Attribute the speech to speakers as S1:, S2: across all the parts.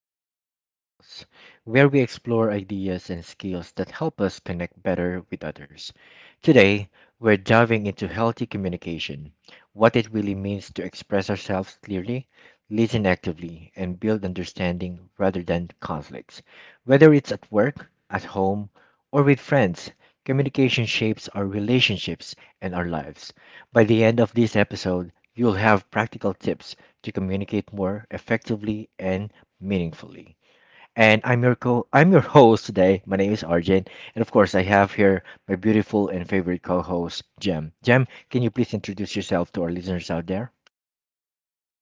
S1: communication skills, where we explore ideas and skills that help us connect better with others. Today, we're diving into healthy communication, what it really means to express ourselves clearly, listen actively, and build understanding rather than conflicts. Whether it's at work, at home, or with friends, communication shapes our relationships and our lives. By the end of this episode, you'll have practical tips to communicate more effectively and meaningfully and I'm your host today. My name is Arjun, and of course I have here my beautiful and favorite co-host Jem. Jem, can you please introduce yourself to our listeners out there?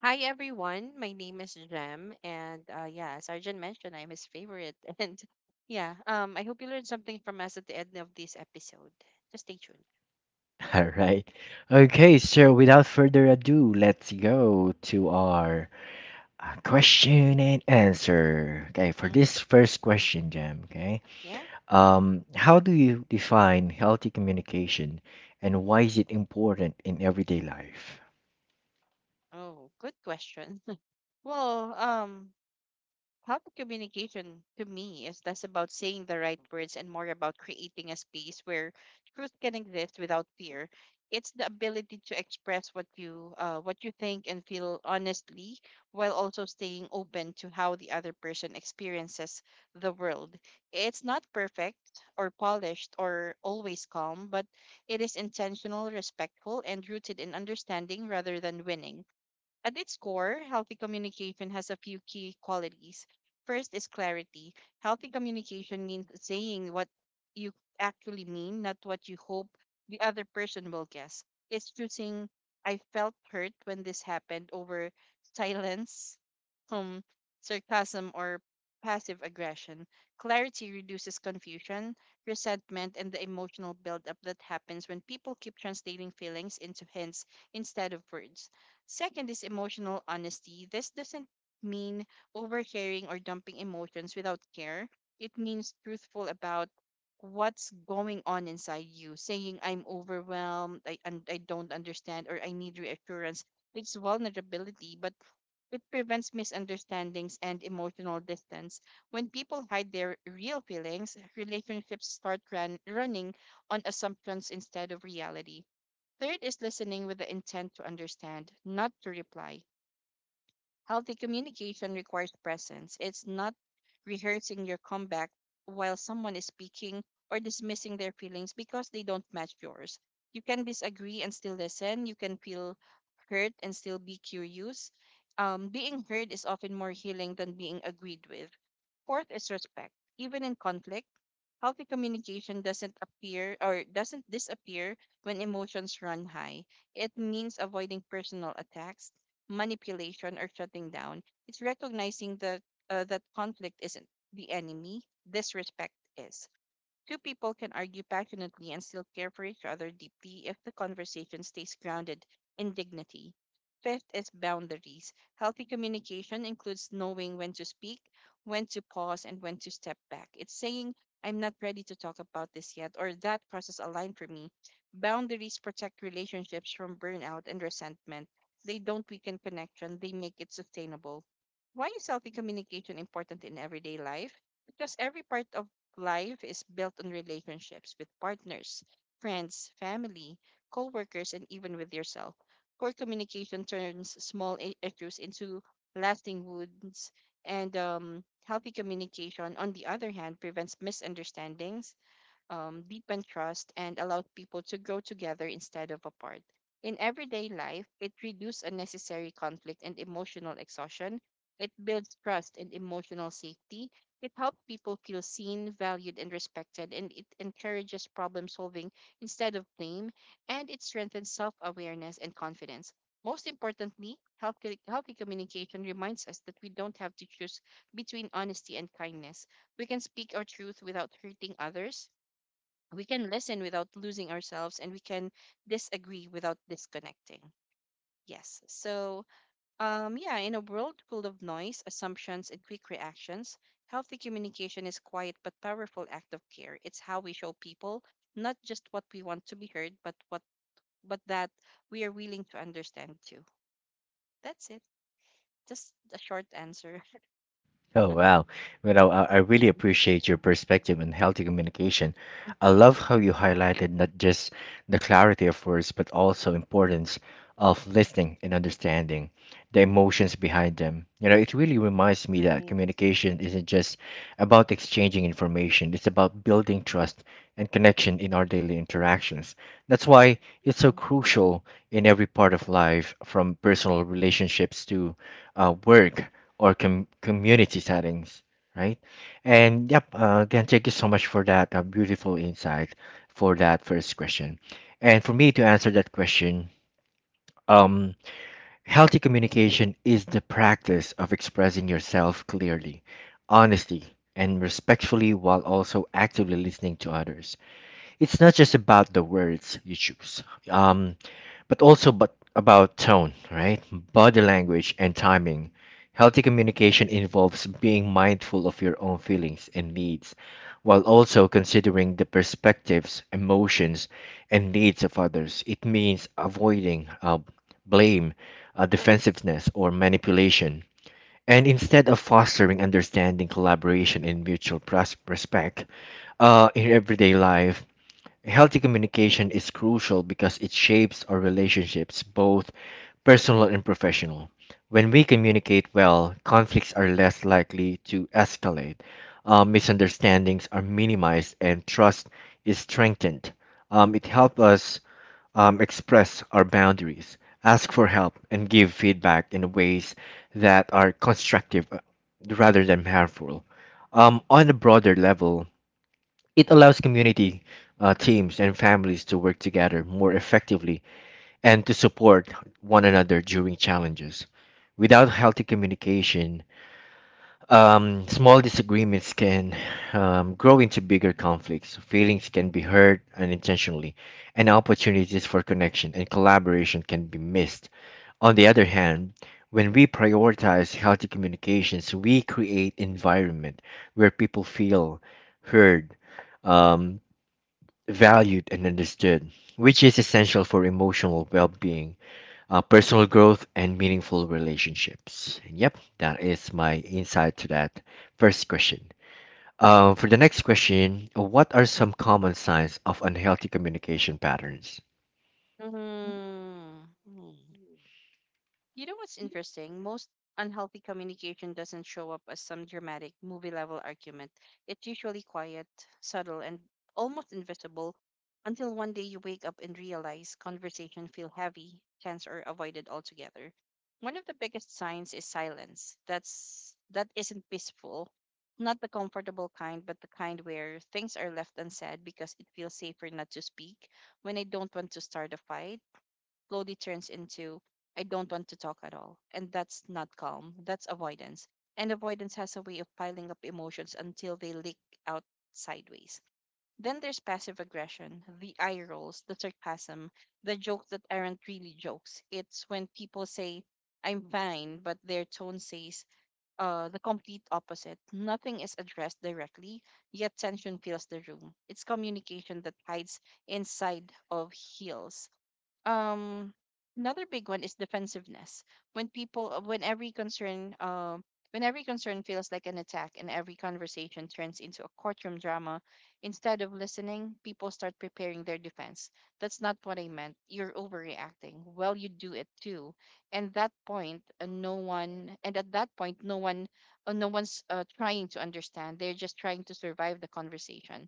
S2: Hi everyone, my name is Jem, and yeah, as Arjun mentioned, I'm his favorite, and yeah, I hope you learned something from us at the end of this episode. Just stay tuned.
S1: All right. Okay, so without further ado, let's go to our question and answer. Okay, for
S2: hmm
S1: this first
S2: hmm
S1: question, Jem, okay?
S2: Yeah.
S1: How do you define healthy communication and why is it important in everyday life?
S2: Oh, good question. Well, healthy communication to me is less about saying the right words and more about creating a space where truth can exist without fear. It's the ability to express what you think and feel honestly while also staying open to how the other person experiences the world. It's not perfect or polished or always calm, but it is intentional, respectful, and rooted in understanding rather than winning. At its core, healthy communication has a few key qualities. First is clarity. Healthy communication means saying what you actually mean, not what you hope the other person will guess. It's choosing, I felt hurt when this happened, over silence, um, sarcasm, or passive aggression. Clarity reduces confusion, resentment, and the emotional buildup that happens when people keep translating feelings into hints instead of words. Second is emotional honesty. This doesn't mean overcaring or dumping emotions without care. It means truthful about what's going on inside you, saying, I'm overwhelmed, I don't understand, or I need reassurance. It's vulnerability, but it prevents misunderstandings and emotional distance. When people hide their real feelings, relationships start running on assumptions instead of reality. Third is listening with the intent to understand, not to reply. Healthy communication requires presence. It's not rehearsing your comeback while someone is speaking or dismissing their feelings because they don't match yours. You can disagree and still listen. You can feel hurt and still be curious. Being heard is often more healing than being agreed with. Fourth is respect. Even in conflict, healthy communication doesn't appear or doesn't disappear when emotions run high. It means avoiding personal attacks, manipulation, or shutting down. It's recognizing that that conflict isn't the enemy, disrespect is. Two people can argue passionately and still care for each other deeply if the conversation stays grounded in dignity. Fifth is boundaries. Healthy communication includes knowing when to speak, when to pause, and when to step back. It's saying, I'm not ready to talk about this yet, or that crosses a line for me. Boundaries protect relationships from burnout and resentment. They don't weaken connection, they make it sustainable. Why is healthy communication important in everyday life? Because every part of life is built on relationships with partners, friends, family, coworkers, and even with yourself. Poor communication turns small issues into lasting wounds, and healthy communication, on the other hand, prevents misunderstandings, deepen trust, and allowed people to grow together instead of apart. In everyday life, it reduces unnecessary conflict and emotional exhaustion. It builds trust and emotional safety. It helps people feel seen, valued, and respected, and it encourages problem solving instead of blame, and it strengthens self awareness and confidence. Most importantly, healthy communication reminds us that we don't have to choose between honesty and kindness. We can speak our truth without hurting others, we can listen without losing ourselves, and we can disagree without disconnecting. Yes. So, yeah, in a world full of noise, assumptions, and quick reactions, healthy communication is quiet but powerful act of care. It's how we show people not just what we want to be heard, but that we are willing to understand too. That's it. Just a short answer.
S1: Oh wow. Well, I really appreciate your perspective on healthy communication. I
S2: Mhm.
S1: love how you highlighted not just the clarity of words, but also importance of listening and understanding the emotions behind them. You know, it really reminds me that
S2: Right.
S1: communication isn't just about exchanging information, it's about building trust and connection in our daily interactions. That's why it's so crucial in every part of life, from personal relationships to work or com- community settings, right? And yep, again, thank you so much for that beautiful insight for that first question. And for me to answer that question, um, healthy communication is the practice of expressing yourself clearly, honestly, and respectfully while also actively listening to others. It's not just about the words you choose, um, but about tone, right? Body language and timing. Healthy communication involves being mindful of your own feelings and needs, while also considering the perspectives, emotions, and needs of others. It means avoiding blame, defensiveness, or manipulation. And instead of fostering understanding, collaboration, and mutual pres- respect, in everyday life, healthy communication is crucial because it shapes our relationships, both personal and professional. When we communicate well, conflicts are less likely to escalate, misunderstandings are minimized, and trust is strengthened. It helps us express our boundaries, ask for help, and give feedback in ways that are constructive rather than harmful. On a broader level, it allows community, teams, and families to work together more effectively and to support one another during challenges. Without healthy communication, small disagreements can grow into bigger conflicts. Feelings can be hurt unintentionally, and opportunities for connection and collaboration can be missed. On the other hand, when we prioritize healthy communications, we create environment where people feel heard, um, valued and understood, which is essential for emotional well being, personal growth, and meaningful relationships. And yep, that is my insight to that first question. For the next question, what are some common signs of unhealthy communication patterns?
S2: Mm-hmm. You know what's interesting? Most unhealthy communication doesn't show up as some dramatic movie level argument. It's usually quiet, subtle, and almost invisible until one day you wake up and realize conversation feel heavy, tense, or avoided altogether. One of the biggest signs is silence. That isn't peaceful. Not the comfortable kind, but the kind where things are left unsaid because it feels safer not to speak when I don't want to start a fight slowly turns into I don't want to talk at all. And that's not calm, that's avoidance. And avoidance has a way of piling up emotions until they leak out sideways. Then there's passive aggression, the eye rolls, the sarcasm, the jokes that aren't really jokes. It's when people say, I'm fine, but their tone says the complete opposite. Nothing is addressed directly, yet tension fills the room. It's communication that hides inside of heels. Um, another big one is defensiveness when people uh, when every concern um when every concern feels like an attack and every conversation turns into a courtroom drama. Instead of listening, people start preparing their defense. That's not what I meant. You're overreacting. Well, you do it too. And that point uh, no one and at that point, no one's trying to understand. They're just trying to survive the conversation.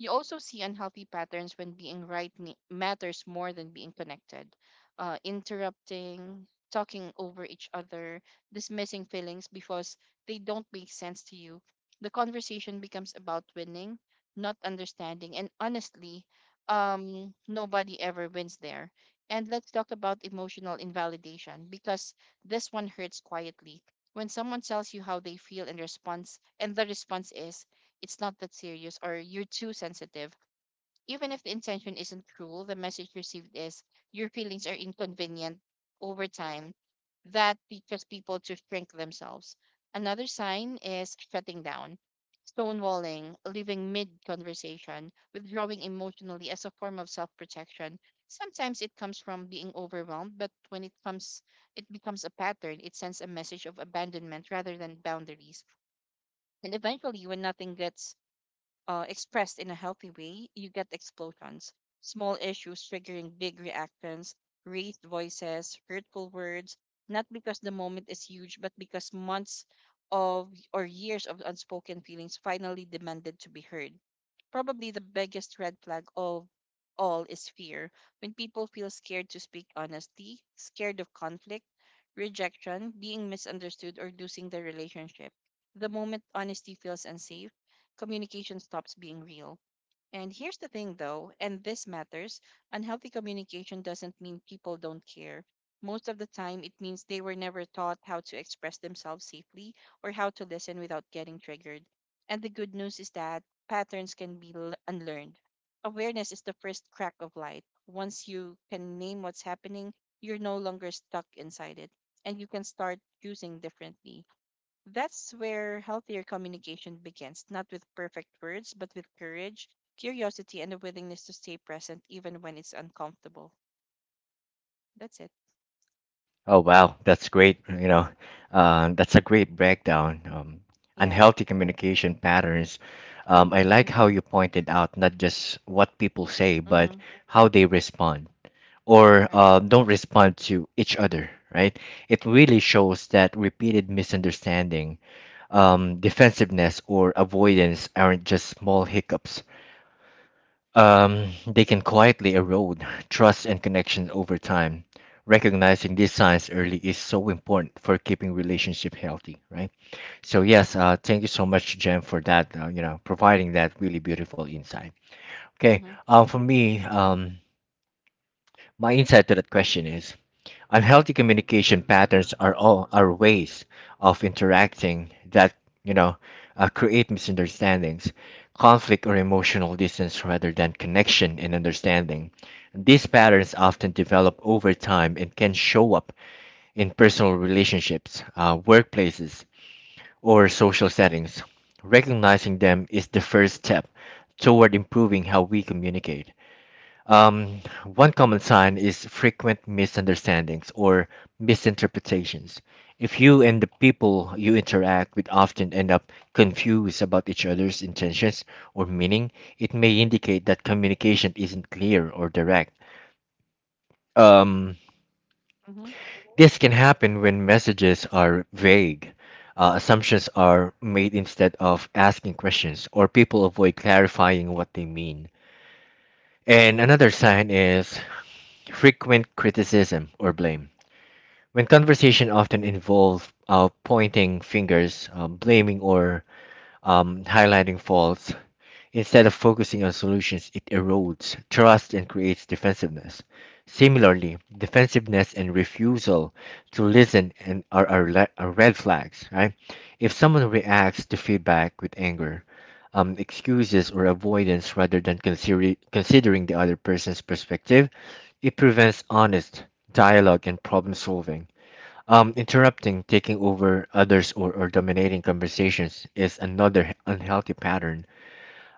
S2: You also see unhealthy patterns when being right matters more than being connected. Interrupting, talking over each other, dismissing feelings because they don't make sense to you. The conversation becomes about winning, not understanding. And honestly, nobody ever wins there. And let's talk about emotional invalidation because this one hurts quietly. When someone tells you how they feel in response, and the response is, it's not that serious or you're too sensitive. Even if the intention isn't cruel, the message received is your feelings are inconvenient. Over time, that teaches people to shrink themselves. Another sign is shutting down, stonewalling, leaving mid conversation, withdrawing emotionally as a form of self protection. Sometimes it comes from being overwhelmed, but when it comes, it becomes a pattern. It sends a message of abandonment rather than boundaries. And eventually, when nothing gets expressed in a healthy way, you get explosions, small issues triggering big reactions, raised voices, hurtful words, not because the moment is huge, but because months of or years of unspoken feelings finally demanded to be heard. Probably the biggest red flag of all is fear. When people feel scared to speak honestly, scared of conflict, rejection, being misunderstood, or losing the relationship, the moment honesty feels unsafe, communication stops being real. And here's the thing, though, and this matters, unhealthy communication doesn't mean people don't care. Most of the time, it means they were never taught how to express themselves safely or how to listen without getting triggered. And the good news is that patterns can be unlearned. Awareness is the first crack of light. Once you can name what's happening, you're no longer stuck inside it, and you can start choosing differently. That's where healthier communication begins, not with perfect words, but with courage, curiosity, and a willingness to stay present even when it's uncomfortable. That's it.
S1: Oh, wow, that's great. You know, that's a great breakdown.
S2: Yeah.
S1: Unhealthy communication patterns. I
S2: Mm-hmm.
S1: like how you pointed out not just what people say, but
S2: Mm-hmm.
S1: how they respond or
S2: Right.
S1: don't respond to each other, right? It really shows that repeated misunderstanding, defensiveness, or avoidance aren't just small hiccups. They can quietly erode trust and connection over time. Recognizing these signs early is so important for keeping relationship healthy, right? So yes, thank you so much, Jen, for that. You know, providing that really beautiful insight. Okay,
S2: Mm-hmm.
S1: for me, my insight to that question is unhealthy communication patterns are ways of interacting that you know create misunderstandings, conflict, or emotional distance rather than connection and understanding. These patterns often develop over time and can show up in personal relationships, workplaces, or social settings. Recognizing them is the first step toward improving how we communicate. um, One common sign is frequent misunderstandings or misinterpretations. If you and the people you interact with often end up confused about each other's intentions or meaning, it may indicate that communication isn't clear or direct. Um,
S2: Mm-hmm.
S1: this can happen when messages are vague, assumptions are made instead of asking questions, or people avoid clarifying what they mean. And another sign is frequent criticism or blame. When conversation often involve pointing fingers, blaming, or highlighting faults, instead of focusing on solutions, it erodes trust and creates defensiveness. Similarly, defensiveness and refusal to listen and are, le- are red flags, right? If someone reacts to feedback with anger, excuses, or avoidance rather than considering the other person's perspective, it prevents honest dialogue and problem solving. Interrupting, taking over others, or dominating conversations is another unhealthy pattern.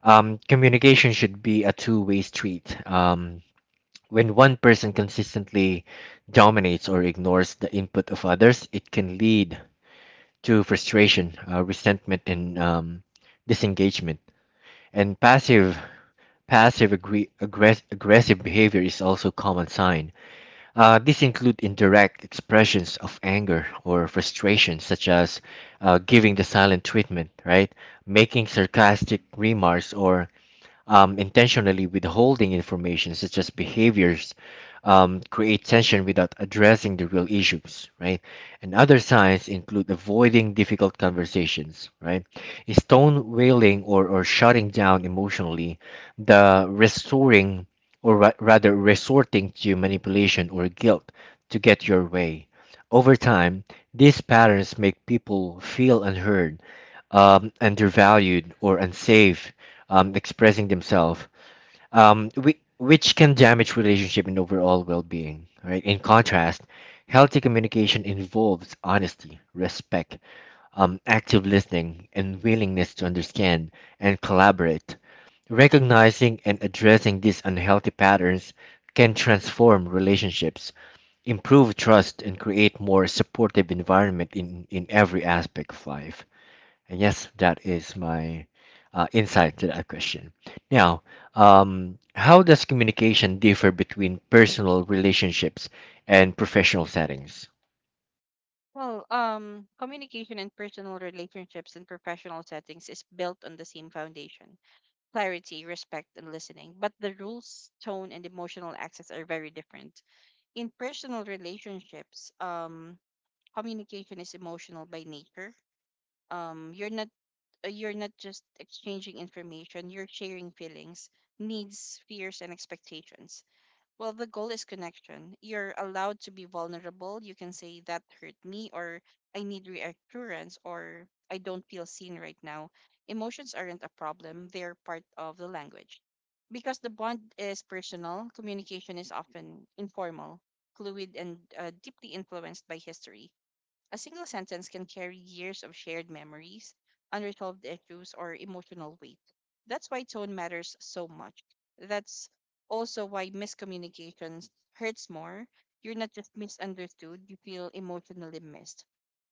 S1: Communication should be a two-way street. When one person consistently dominates or ignores the input of others, it can lead to frustration, resentment, and disengagement. And aggressive behavior is also a common sign. These include indirect expressions of anger or frustration, such as giving the silent treatment, right? Making sarcastic remarks or intentionally withholding information. Such as behaviors create tension without addressing the real issues, right? And other signs include avoiding difficult conversations, right? Stone wailing or shutting down emotionally, the restoring or rather resorting to manipulation or guilt to get your way. Over time these patterns make people feel unheard, undervalued, or unsafe expressing themselves, which can damage relationship and overall well-being. Right. In contrast, healthy communication involves honesty, respect, active listening, and willingness to understand and collaborate. Recognizing and addressing these unhealthy patterns can transform relationships, improve trust, and create more supportive environment in every aspect of life. And yes, that is my insight to that question. Now, how does communication differ between personal relationships and professional settings?
S2: Well, communication in personal relationships and professional settings is built on the same foundation: clarity, respect, and listening. But the rules, tone, and emotional access are very different. In personal relationships, communication is emotional by nature. um you're not you're not just exchanging information, you're sharing feelings, needs, fears, and expectations. Well, the goal is connection. You're allowed to be vulnerable. You can say that hurt me, or I need reassurance, or I don't feel seen right now. Emotions aren't a problem, they're part of the language. Because the bond is personal, communication is often informal, fluid, and deeply influenced by history. A single sentence can carry years of shared memories, unresolved issues, or emotional weight. That's why tone matters so much. That's also why miscommunication hurts more. You're not just misunderstood, you feel emotionally missed.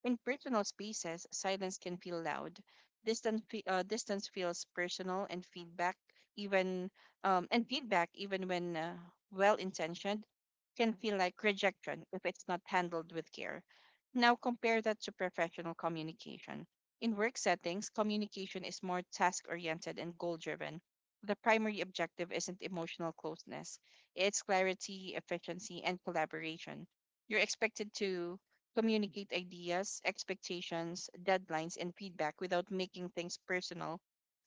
S2: In personal spaces, silence can feel loud. Distance feels personal, and even feedback, even when well intentioned, can feel like rejection if it's not handled with care. Now compare that to professional communication. In work settings, communication is more task oriented and goal driven. The primary objective isn't emotional closeness, it's clarity, efficiency, and collaboration. You're expected to communicate ideas, expectations, deadlines, and feedback without making things personal.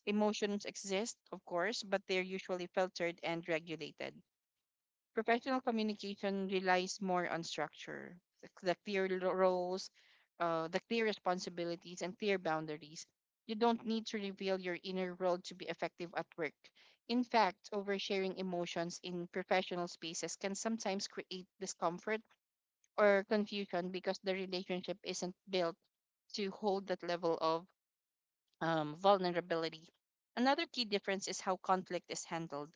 S2: Emotions exist, of course, but they're usually filtered and regulated. Professional communication relies more on structure, the clear roles, the clear responsibilities, and clear boundaries. You don't need to reveal your inner world to be effective at work. In fact, oversharing emotions in professional spaces can sometimes create discomfort or confusion because the relationship isn't built to hold that level of vulnerability. Another key difference is how conflict is handled.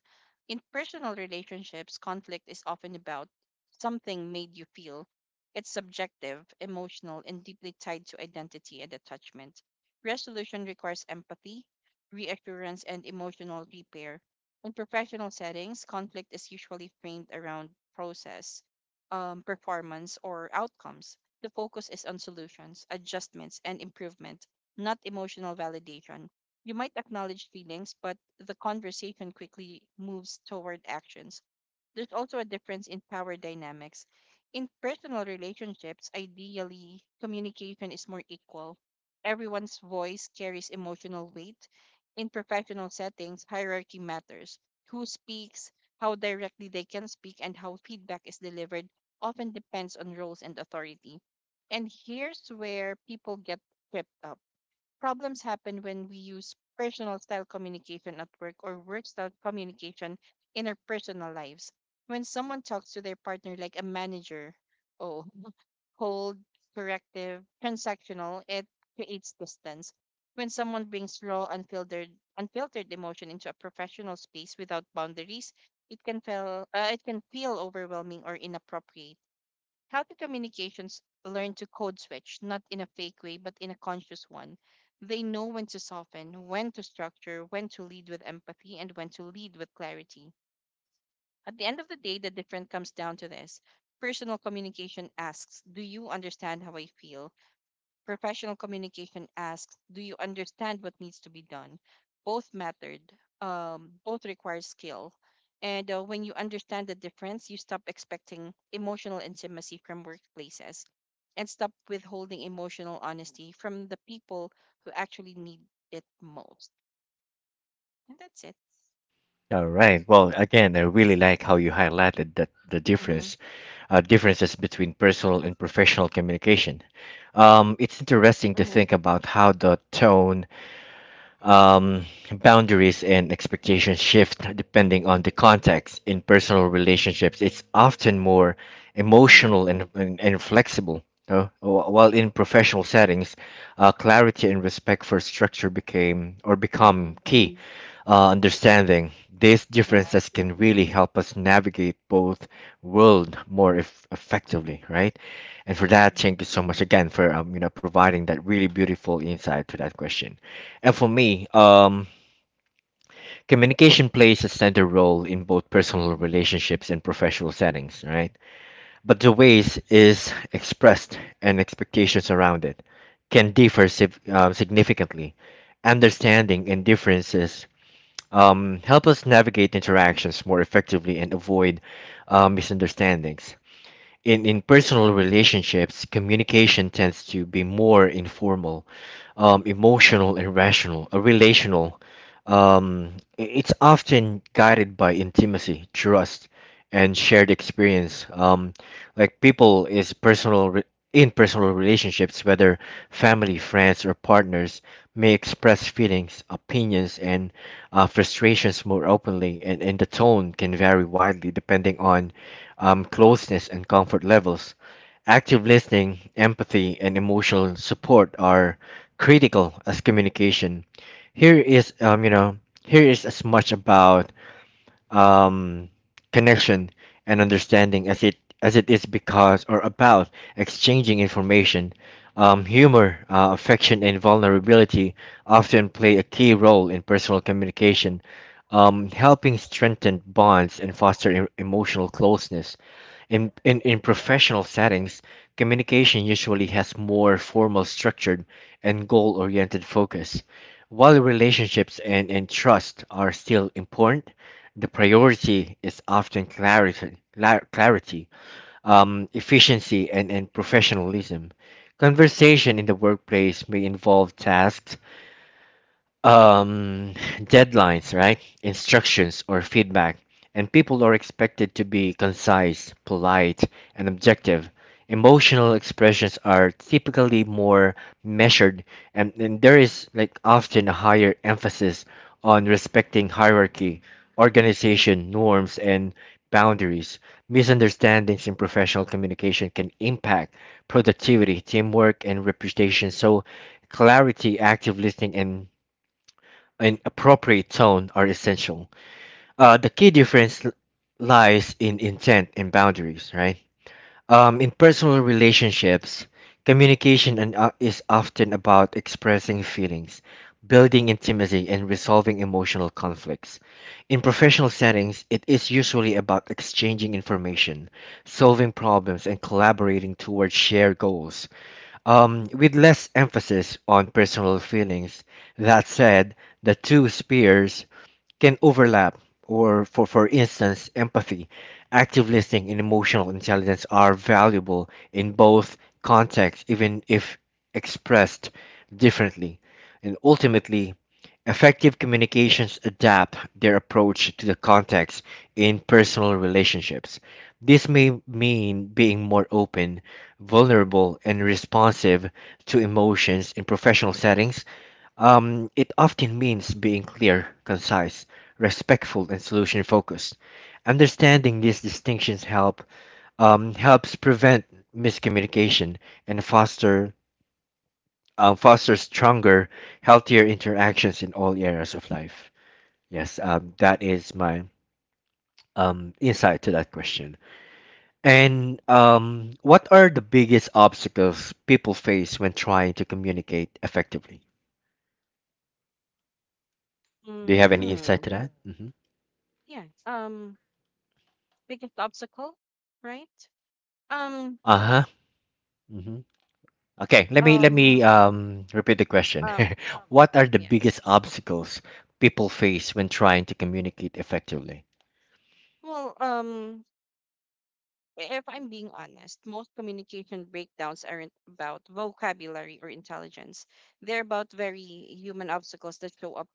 S2: In personal relationships, conflict is often about something made you feel. It's subjective, emotional, and deeply tied to identity and attachment. Resolution requires empathy, reassurance, and emotional repair. In professional settings, conflict is usually framed around process, performance, or outcomes. The focus is on solutions, adjustments, and improvement, not emotional validation. You might acknowledge feelings, but the conversation quickly moves toward actions. There's also a difference in power dynamics. In personal relationships, ideally, communication is more equal. Everyone's voice carries emotional weight. In professional settings, hierarchy matters. Who speaks, how directly they can speak, and how feedback is delivered often depends on roles and authority. And here's where people get tripped up. Problems happen when we use personal style communication at work or work style communication in our personal lives. When someone talks to their partner like a manager, oh, cold, corrective, transactional, it creates distance. When someone brings raw, unfiltered, emotion into a professional space without boundaries, it can feel overwhelming or inappropriate. Healthy communications learn to code switch, not in a fake way, but in a conscious one. They know when to soften, when to structure, when to lead with empathy, and when to lead with clarity. At the end of the day, the difference comes down to this. Personal communication asks, "Do you understand how I feel?" Professional communication asks, "Do you understand what needs to be done?" Both mattered. Both require skill. And when you understand the difference, you stop expecting emotional intimacy from workplaces and stop withholding emotional honesty from the people who actually need it most. And that's it.
S1: All right. Well, again, I really like how you highlighted that the
S2: Mm-hmm.
S1: difference, differences between personal and professional communication. It's interesting to
S2: Mm-hmm.
S1: think about how the tone
S2: Mm-hmm.
S1: um, boundaries and expectations shift depending on the context. In personal relationships, it's often more
S2: Mm-hmm.
S1: emotional and flexible. No? While in professional settings, clarity and respect for structure became or
S2: Mm-hmm.
S1: become key. Understanding these
S2: Yeah.
S1: differences can really help us navigate both world more effectively, right? And for that,
S2: Mm-hmm.
S1: thank you so much again for you know, providing that really beautiful insight to that question. And for me, communication plays a central role in both personal relationships and professional settings, right? But the ways is expressed and expectations around it can differ significantly. Understanding and differences help us navigate interactions more effectively and avoid misunderstandings in personal relationships. Communication tends to be more informal, emotional, and rational, relational. Um, it's often guided by intimacy, trust, and shared experience. Like people is personal re- In personal relationships, whether family, friends, or partners, may express feelings, opinions, and frustrations more openly, and the tone can vary widely depending on closeness and comfort levels. Active listening, empathy, and emotional support are critical as communication. Here is, here is as much about um, connection and understanding as it is because or about exchanging information. Humor, affection, and vulnerability often play a key role in personal communication, helping strengthen bonds and foster emotional closeness. In, in professional settings, communication usually has more formal structured and goal oriented focus. While relationships and trust are still important, the priority is often clarity, clarity, efficiency, and professionalism. Conversation in the workplace may involve tasks, um, deadlines, right? Instructions or feedback, and people are expected to be concise, polite, and objective. Emotional expressions are typically more measured, and there is like often a higher emphasis on respecting hierarchy, organization, norms, and boundaries. Misunderstandings in professional communication can impact productivity, teamwork, and reputation. So, clarity, active listening, and appropriate tone are essential. The key difference lies in intent and boundaries, right? In personal relationships, communication and, is often about expressing feelings, building intimacy, and resolving emotional conflicts. In professional settings, it is usually about exchanging information, solving problems, and collaborating towards shared goals, with less emphasis on personal feelings. That said, the two spheres can overlap. Or for instance, empathy, active listening, and emotional intelligence are valuable in both contexts, even if expressed differently. And ultimately, effective communications adapt their approach to the context. In personal relationships, this may mean being more open, vulnerable, and responsive to emotions. In professional settings, it often means being clear, concise, respectful, and solution focused. Understanding these distinctions helps prevent miscommunication and foster stronger, healthier interactions in all areas of life. Yes, that is my insight to that question. And What are the biggest obstacles people face when trying to communicate effectively? Do
S2: Mm-hmm.
S1: you have any
S2: Hmm.
S1: insight to that? Mm-hmm.
S2: Yeah. Biggest obstacle, right? Um.
S1: Uh huh. Okay, let me let me
S2: Um,
S1: um, repeat
S2: if
S1: the question.
S2: um,
S1: What are the
S2: yes.
S1: biggest obstacles people face when trying to communicate effectively?
S2: Well, if I'm being honest, most communication breakdowns aren't about vocabulary or intelligence. They're about very human obstacles that show up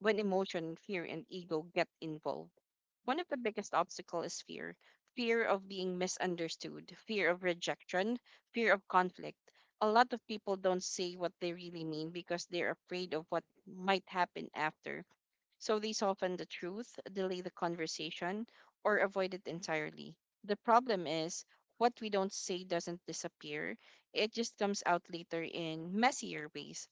S2: when emotion, fear, and ego get involved. One of the biggest obstacles is fear. Fear of being misunderstood, fear of rejection, fear of conflict. A lot of people don't say what they really mean because they're afraid of what might happen after. So they soften the truth, delay the conversation, or avoid it entirely. The problem is what we don't say doesn't disappear, it just comes out later in messier ways.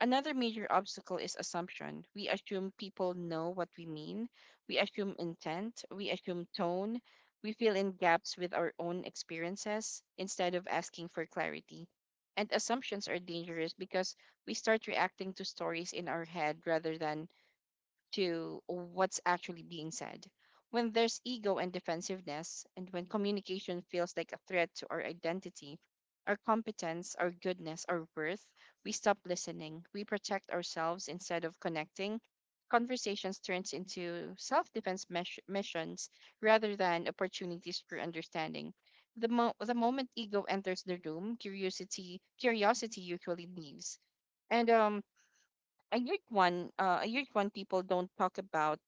S2: Another major obstacle is assumption. We assume people know what we mean, we assume intent, we assume tone, we fill in gaps with our own experiences instead of asking for clarity. And assumptions are dangerous because we start reacting to stories in our head rather than to what's actually being said. When there's ego and defensiveness, and when communication feels like a threat to our identity, our competence, our goodness, our worth, we stop listening. We protect ourselves instead of connecting. Conversations turns into self-defense missions rather than opportunities for understanding. The moment ego enters the room, curiosity usually leaves. And a huge one people don't talk about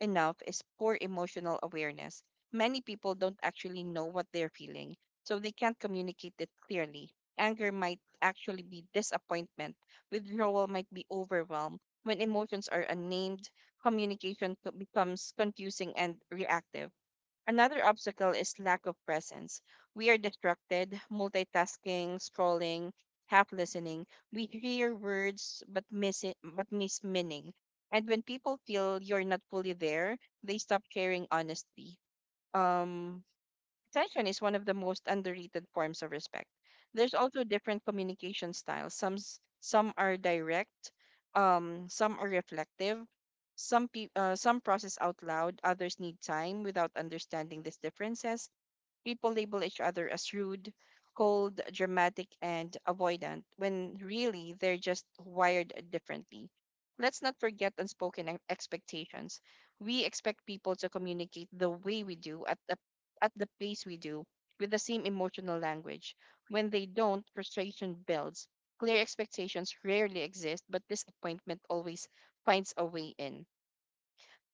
S2: enough is poor emotional awareness. Many people don't actually know what they're feeling, so they can't communicate it clearly. Anger might actually be disappointment, withdrawal might be overwhelm. When emotions are unnamed, communication becomes confusing and reactive. Another obstacle is lack of presence. We are distracted, multitasking, scrolling, half listening. We hear words but miss it, but miss meaning. And when people feel you're not fully there, they stop sharing honestly. Um, Attention is one of the most underrated forms of respect. There's also different communication styles. Some are direct, some are reflective. Some process out loud, others need time without understanding these differences. People label each other as rude, cold, dramatic, and avoidant when really they're just wired differently. Let's not forget unspoken expectations. We expect people to communicate the way we do, at the pace we do, with the same emotional language. When they don't, frustration builds. Clear expectations rarely exist, but disappointment always finds a way in.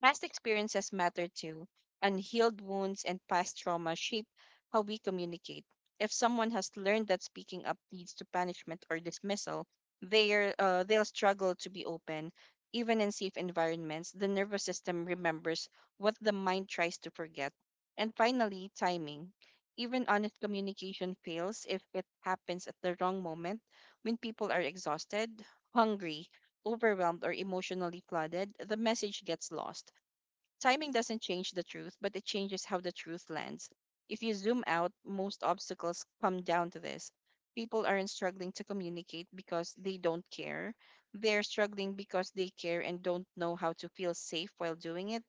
S2: Past experiences matter too. Unhealed wounds and past trauma shape how we communicate. If someone has learned that speaking up leads to punishment or dismissal, they'll struggle to be open. Even in safe environments, the nervous system remembers what the mind tries to forget. And finally, timing. Even honest communication fails if it happens at the wrong moment when people are exhausted, hungry, overwhelmed, or emotionally flooded, the message gets lost. Timing doesn't change the truth, but it changes how the truth lands. If you zoom out, most obstacles come down to this. People aren't struggling to communicate because they don't care. They're struggling because they care and don't know how to feel safe while doing it.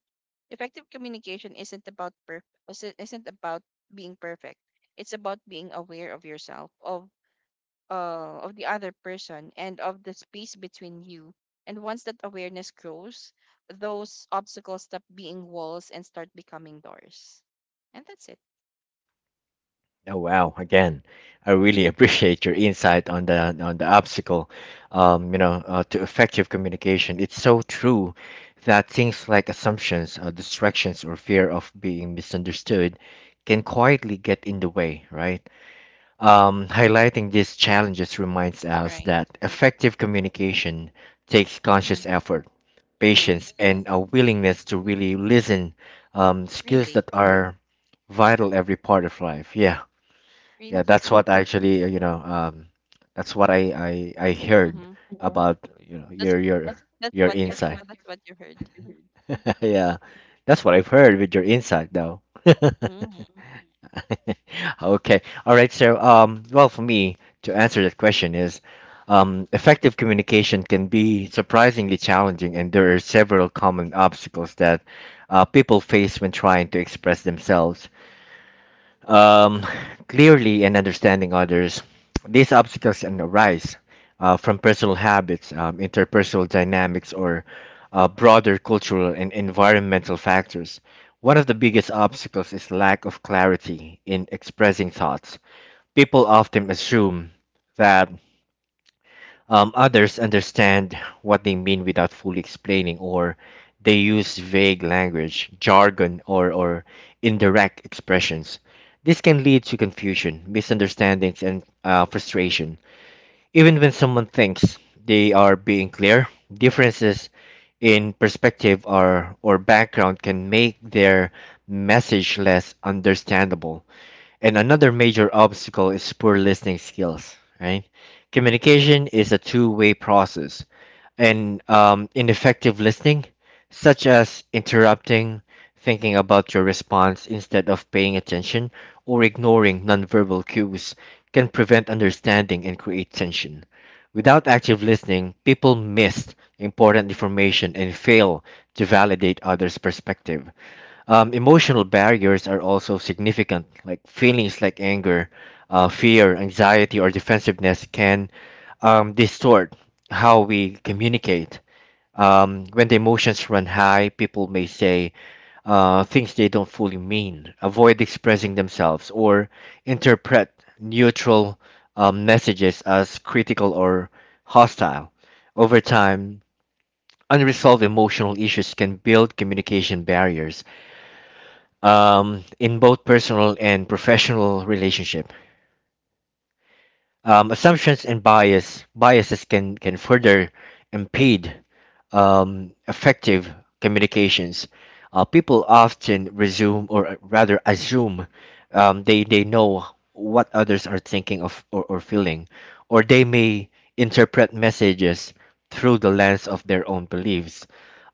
S2: Effective communication isn't about being perfect. It's about being aware of yourself, of the other person and of the space between you. And once that awareness grows, those obstacles stop being walls and start becoming doors. And that's it.
S1: Oh wow! Again, I really
S2: Uh-huh.
S1: appreciate your insight on the obstacle, to effective communication. It's so true that things like assumptions, distractions, or fear of being misunderstood can quietly get in the way, right? Highlighting these challenges reminds us
S2: Right.
S1: that effective communication takes
S2: Mm.
S1: conscious effort,
S2: Hmm.
S1: patience, and a willingness to really listen, skills
S2: Really,
S1: that are vital every part of life. Yeah.
S2: really.
S1: Yeah, that's what actually, that's what I
S2: Mm-hmm.
S1: heard about,
S2: That's
S1: your your
S2: that's
S1: your
S2: what you're.
S1: insight.
S2: That's what you heard.
S1: Yeah, that's what I've heard with your insight, though.
S2: Mm.
S1: Okay, all right. So, well, for me to answer that question is, effective communication can be surprisingly challenging, and there are several common obstacles that people face when trying to express themselves um, clearly and understanding others. These obstacles can arise from personal habits, interpersonal dynamics, or broader cultural and environmental factors. One of the biggest obstacles is lack of clarity in expressing thoughts. People often assume that others understand what they mean without fully explaining, or they use vague language, jargon, or indirect expressions. This can lead to confusion, misunderstandings, and frustration. Even when someone thinks they are being clear, differences in perspective or background can make their message less understandable. And another major obstacle is poor listening skills, right? Communication is a two-way process, and ineffective listening, such as interrupting, thinking about your response instead of paying attention, or ignoring nonverbal cues, can prevent understanding and create tension. Without active listening, people miss important information and fail to validate others' perspective. Emotional barriers are also significant. Like feelings like anger, fear, anxiety, or defensiveness can distort how we communicate. When the emotions run high, people may say things they don't fully mean, avoid expressing themselves, or interpret neutral messages as critical or hostile. Over time, unresolved emotional issues can build communication barriers in both personal and professional relationship. Assumptions and biases can further impede effective communications, people often resume or rather assume they know what others are thinking of or feeling, or they may interpret messages through the lens of their own beliefs.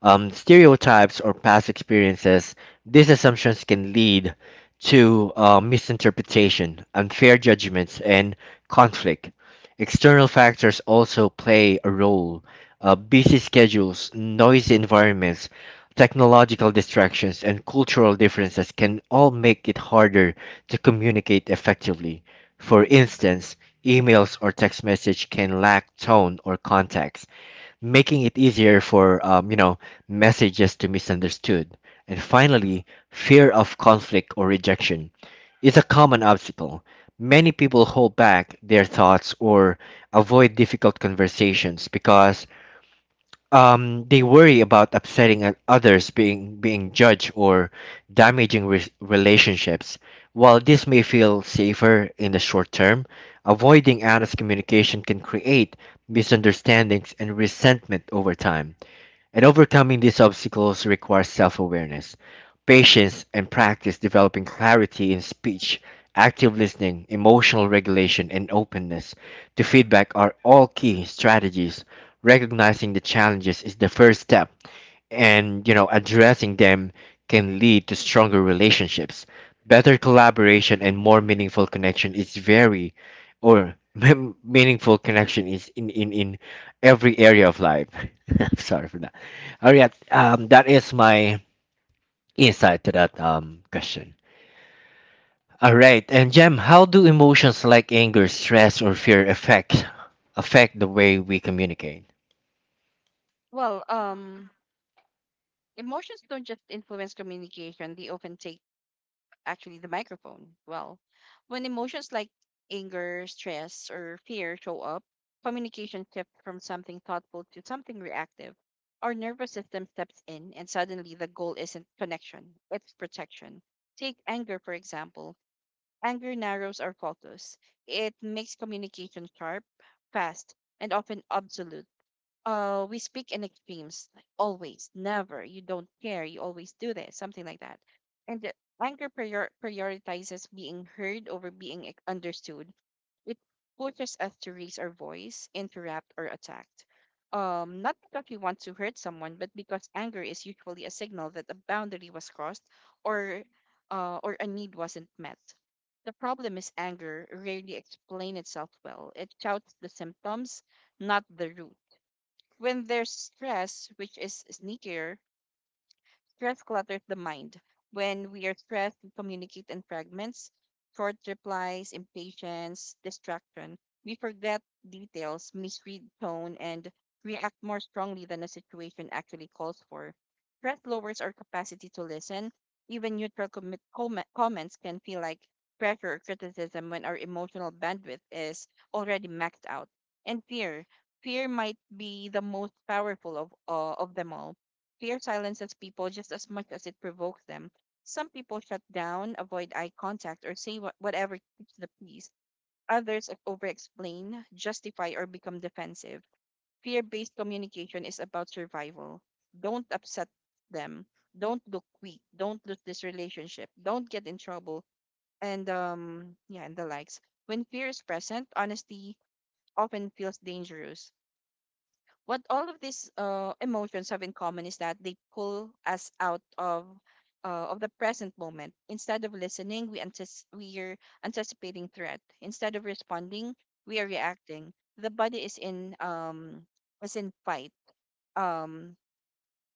S1: Stereotypes or past experiences, these assumptions can lead to misinterpretation, unfair judgments, and conflict. External factors also play a role busy schedules, noisy environments, technological distractions, and cultural differences can all make it harder to communicate effectively. For instance, emails or text message can lack tone or context, making it easier for messages to misunderstood. And finally, fear of conflict or rejection is a common obstacle. Many people hold back their thoughts or avoid difficult conversations because they worry about upsetting others, being judged, or damaging relationships. While this may feel safer in the short term, avoiding honest communication can create misunderstandings and resentment over time. And overcoming these obstacles requires self awareness, patience, and practice developing clarity in speech, active listening, emotional regulation, and openness to feedback are all key strategies. Recognizing the challenges is the first step and addressing them can lead to stronger relationships, better collaboration, and more meaningful connection is very or meaningful connection is in every area of life. I'm sorry for that. All right, that is my insight to that question. All right, and Jem, how do emotions like anger, stress, or fear affect the way we communicate?
S2: Well, emotions don't just influence communication; they often take actually the microphone. Well, when emotions like anger, stress, or fear show up, communication shifts from something thoughtful to something reactive. Our nervous system steps in, and suddenly the goal isn't connection, it's protection. Take anger, for example. Anger narrows our focus, it makes communication sharp, fast, and often absolute. We speak in extremes, like always, never, you don't care, you always do this, something like that. And the prioritizes being heard over being understood. It pushes us to raise our voice, interrupt, or attack. Not because we want to hurt someone, but because anger is usually a signal that a boundary was crossed or or a need wasn't met. The problem is anger rarely explains itself well. It shouts the symptoms, not the root when there's stress, which is sneakier. Stress clutters the mind. When we are stressed, we communicate in fragments, short replies, impatience, distraction. We forget details, misread tone, and react more strongly than the situation actually calls for. Stress lowers our capacity to listen. Even neutral comments can feel like pressure or criticism when our emotional bandwidth is already maxed out. And fear, fear might be the most powerful of them all. Fear silences people just as much as it provokes them. Some people shut down, avoid eye contact, or say whatever keeps the peace. Others over explain, justify, or become defensive. Fear based communication is about survival. Don't upset them. Don't look weak. Don't lose this relationship. Don't get in trouble. And and the likes. When fear is present, honesty often feels dangerous. What all of these emotions have in common is that they pull us out of the present moment. Instead of listening, we are anticipating threat. Instead of responding, we are reacting. The body is in fight, um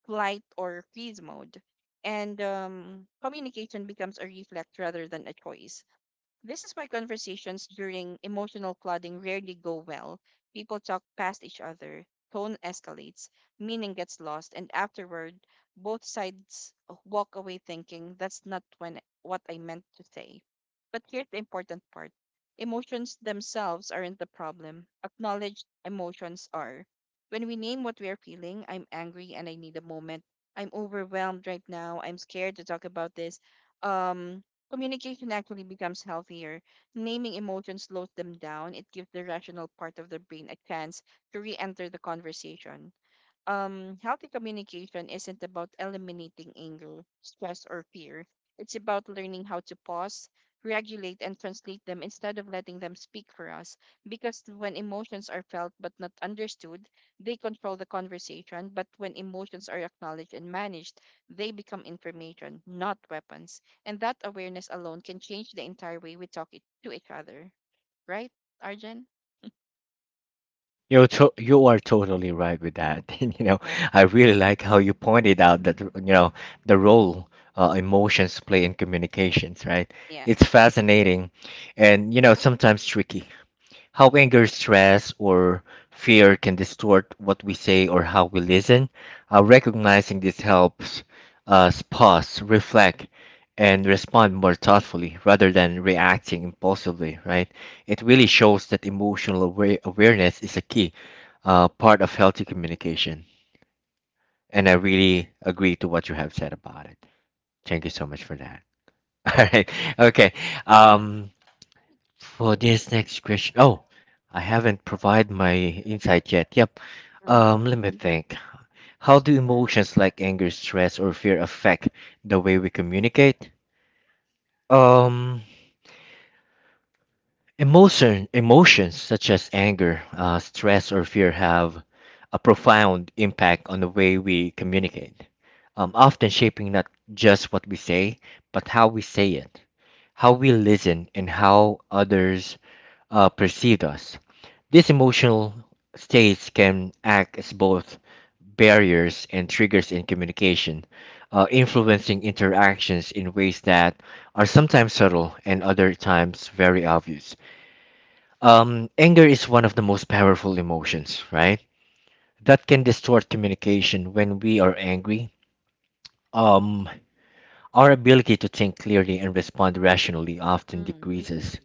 S2: flight or freeze mode, and communication becomes a reflex rather than a choice. This is why conversations during emotional flooding rarely go well. People talk past each other, tone escalates, meaning gets lost, and afterward, both sides walk away thinking that's not when what I meant to say. But here's the important part. Emotions themselves aren't the problem. Acknowledged emotions are. When we name what we are feeling, I'm angry and I need a moment. I'm overwhelmed right now. I'm scared to talk about this. Um Communication actually becomes healthier. Naming emotions slows them down. It gives the rational part of the brain a chance to re enter the conversation. Healthy communication isn't about eliminating anger, stress, or fear. It's about learning how to pause, regulate, and translate them instead of letting them speak for us. Because when emotions are felt but not understood, they control the conversation. But when emotions are acknowledged and managed, they become information, not weapons. And that awareness alone can change the entire way we talk it, to each other. Right, Arjun?
S1: You're you are totally right with that. And,
S2: Yeah.
S1: I really like how you pointed out that, the role emotions play in communications, right?
S2: Yeah.
S1: It's fascinating and, sometimes tricky. How anger, stress, or fear can distort what we say or how we listen. Recognizing this helps us pause, reflect, and respond more thoughtfully rather than reacting impulsively, right? It really shows that emotional awareness is a key part of healthy communication. And I really agree to what you have said about it. Thank you so much for that. All right. Okay. Um, for this next question, oh, I haven't provided my insight yet. Yep.
S2: Hmm.
S1: Let me think. How do emotions like anger, stress, or fear affect the way we communicate? Um, Emotions such as anger, stress, or fear have a profound impact on the way we communicate, often shaping not just what we say, but how we say it, how we listen, and how others perceive us. These emotional states can act as both barriers and triggers in communication, influencing interactions in ways that are sometimes subtle and other times very obvious. Anger is one of the most powerful emotions, right? That can distort communication when we are angry. Um, our ability to think clearly and respond rationally often
S2: Mm.
S1: decreases.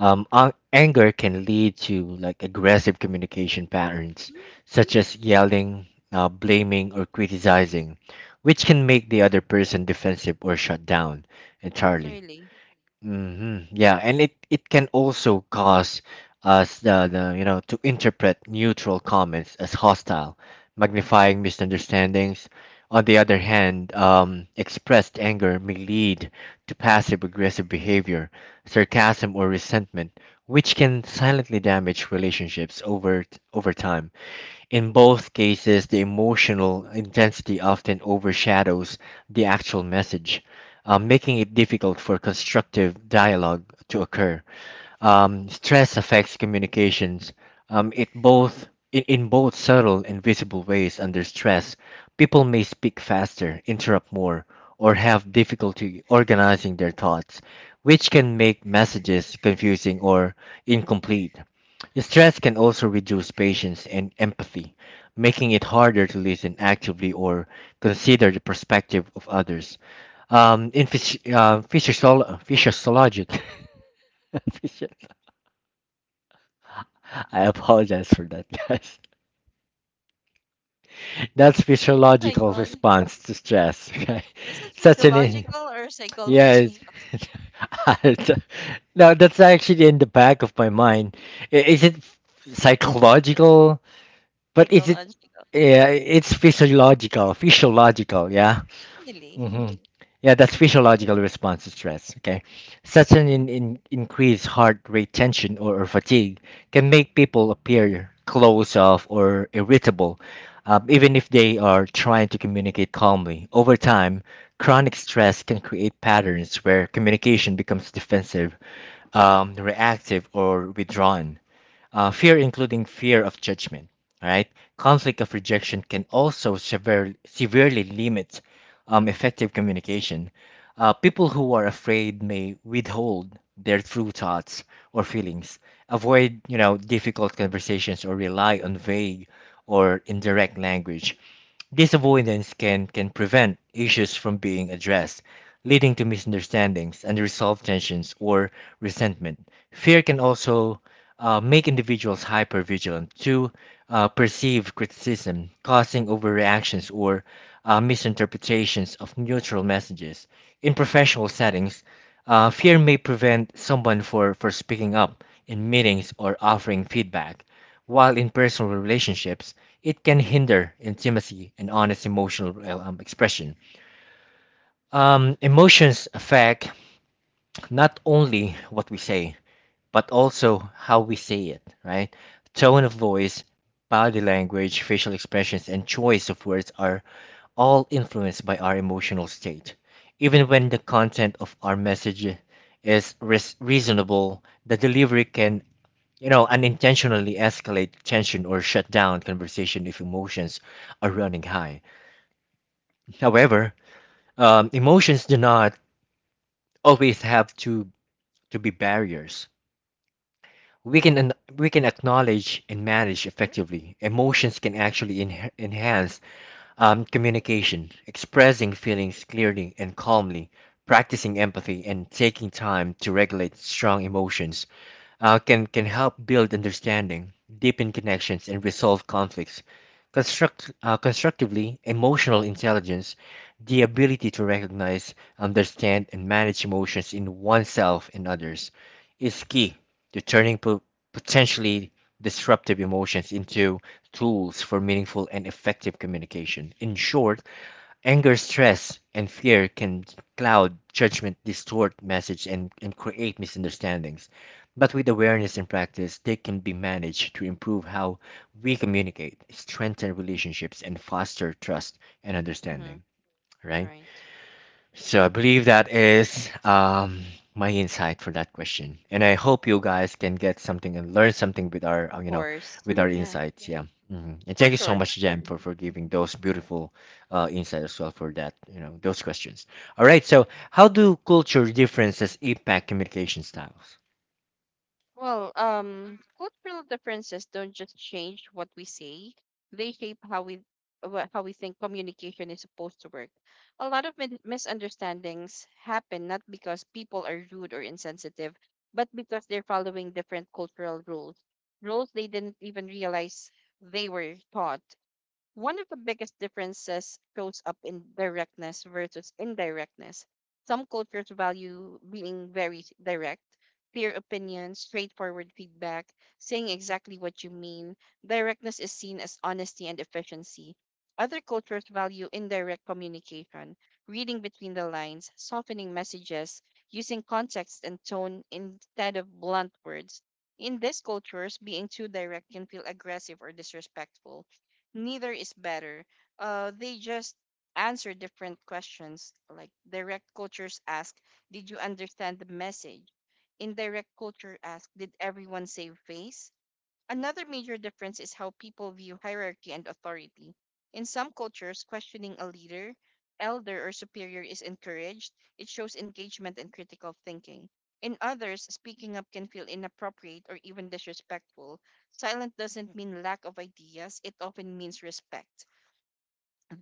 S1: Anger can lead to like aggressive communication patterns, such as yelling, blaming, or criticizing, which can make the other person defensive or shut down entirely.
S2: Really?
S1: Hmm. Yeah, and it can also cause us the you know to interpret neutral comments as hostile, magnifying misunderstandings. On the other hand, expressed anger may lead to passive aggressive behavior, sarcasm, or resentment, which can silently damage relationships over time. In both cases, the emotional intensity often overshadows the actual message, making it difficult for constructive dialogue to occur. Stress affects communications. It both in both subtle and visible ways. Under stress, people may speak faster, interrupt more, or have difficulty organizing their thoughts, which can make messages confusing or incomplete. Stress can also reduce patience and empathy, making it harder to listen actively or consider the perspective of others. Physiologic, physio- I apologize for that, guys. That's
S2: My
S1: physiological
S2: God.
S1: response to stress. Okay,
S2: Is it
S1: such an in-
S2: physiological or
S1: yes.
S2: psychological?
S1: No, that's actually in the back of my mind. Is it psychological? But is it?
S2: Psychological.
S1: Yeah, it's physiological. Physiological. Yeah.
S2: Really?
S1: Hmm. Yeah, that's physiological response to stress. Okay, such an in increased heart rate, tension, or fatigue can make people appear closed off or irritable, even if they are trying to communicate calmly. Over time, chronic stress can create patterns where communication becomes defensive, reactive, or withdrawn. Fear, including fear of judgment, right, conflict of rejection, can also severely limit effective communication. People who are afraid may withhold their true thoughts or feelings, avoid difficult conversations, or rely on vague or indirect language. This avoidance can prevent issues from being addressed, leading to misunderstandings, unresolved tensions, or resentment. Fear can also make individuals hypervigilant to perceived criticism, causing overreactions or misinterpretations of neutral messages. In professional settings, fear may prevent someone for speaking up in meetings or offering feedback, while in personal relationships, it can hinder intimacy and honest emotional expression. Emotions affect not only what we say, but also how we say it, right? Tone of voice, body language, facial expressions, and choice of words are all influenced by our emotional state. Even when the content of our message is reasonable, the delivery can unintentionally escalate tension or shut down conversation if emotions are running high. However, emotions do not always to be barriers. We can, we can acknowledge and manage effectively. Emotions can actually enhance communication, expressing feelings clearly and calmly, practicing empathy, and taking time to regulate strong emotions can help build understanding, deepen connections, and resolve conflicts. Constructively, emotional intelligence, the ability to recognize, understand, and manage emotions in oneself and others, is key to turning potentially disruptive emotions into tools for meaningful and effective communication. In short, anger, stress, and fear can cloud judgment, distort message, and create misunderstandings. But with awareness and practice, they can be managed to improve how we communicate, strengthen relationships, and foster trust and
S2: Mm-hmm.
S1: understanding. Right?
S2: Right.
S1: So I believe that is my insight for that question, and I hope you guys can get something and learn something with our,
S2: Of course.
S1: with our
S2: Yeah,
S1: insights. Yeah, hmm and
S2: for
S1: thank you so
S2: sure.
S1: much, Jem, for giving those beautiful insights as well for that, those questions. All right,
S2: Yeah.
S1: so how do culture differences impact communication styles?
S2: Well, cultural differences don't just change what we say; they shape how we think communication is supposed to work. A lot of misunderstandings happen not because people are rude or insensitive, but because they're following different cultural rules, rules they didn't even realize they were taught. One of the biggest differences shows up in directness versus indirectness. Some cultures value being very direct, clear opinions, straightforward feedback, saying exactly what you mean. Directness is seen as honesty and efficiency. Other cultures value indirect communication, reading between the lines, softening messages, using context and tone instead of blunt words. In these cultures, being too direct can feel aggressive or disrespectful. Neither is better. They just answer different questions. Like direct cultures ask, "Did you understand the message?" Indirect culture ask, "Did everyone save face?" Another major difference is how people view hierarchy and authority. In some cultures, questioning a leader, elder, or superior is encouraged. It shows engagement and critical thinking. In others, speaking up can feel inappropriate or even disrespectful. Silence doesn't mean lack of ideas, it often means respect.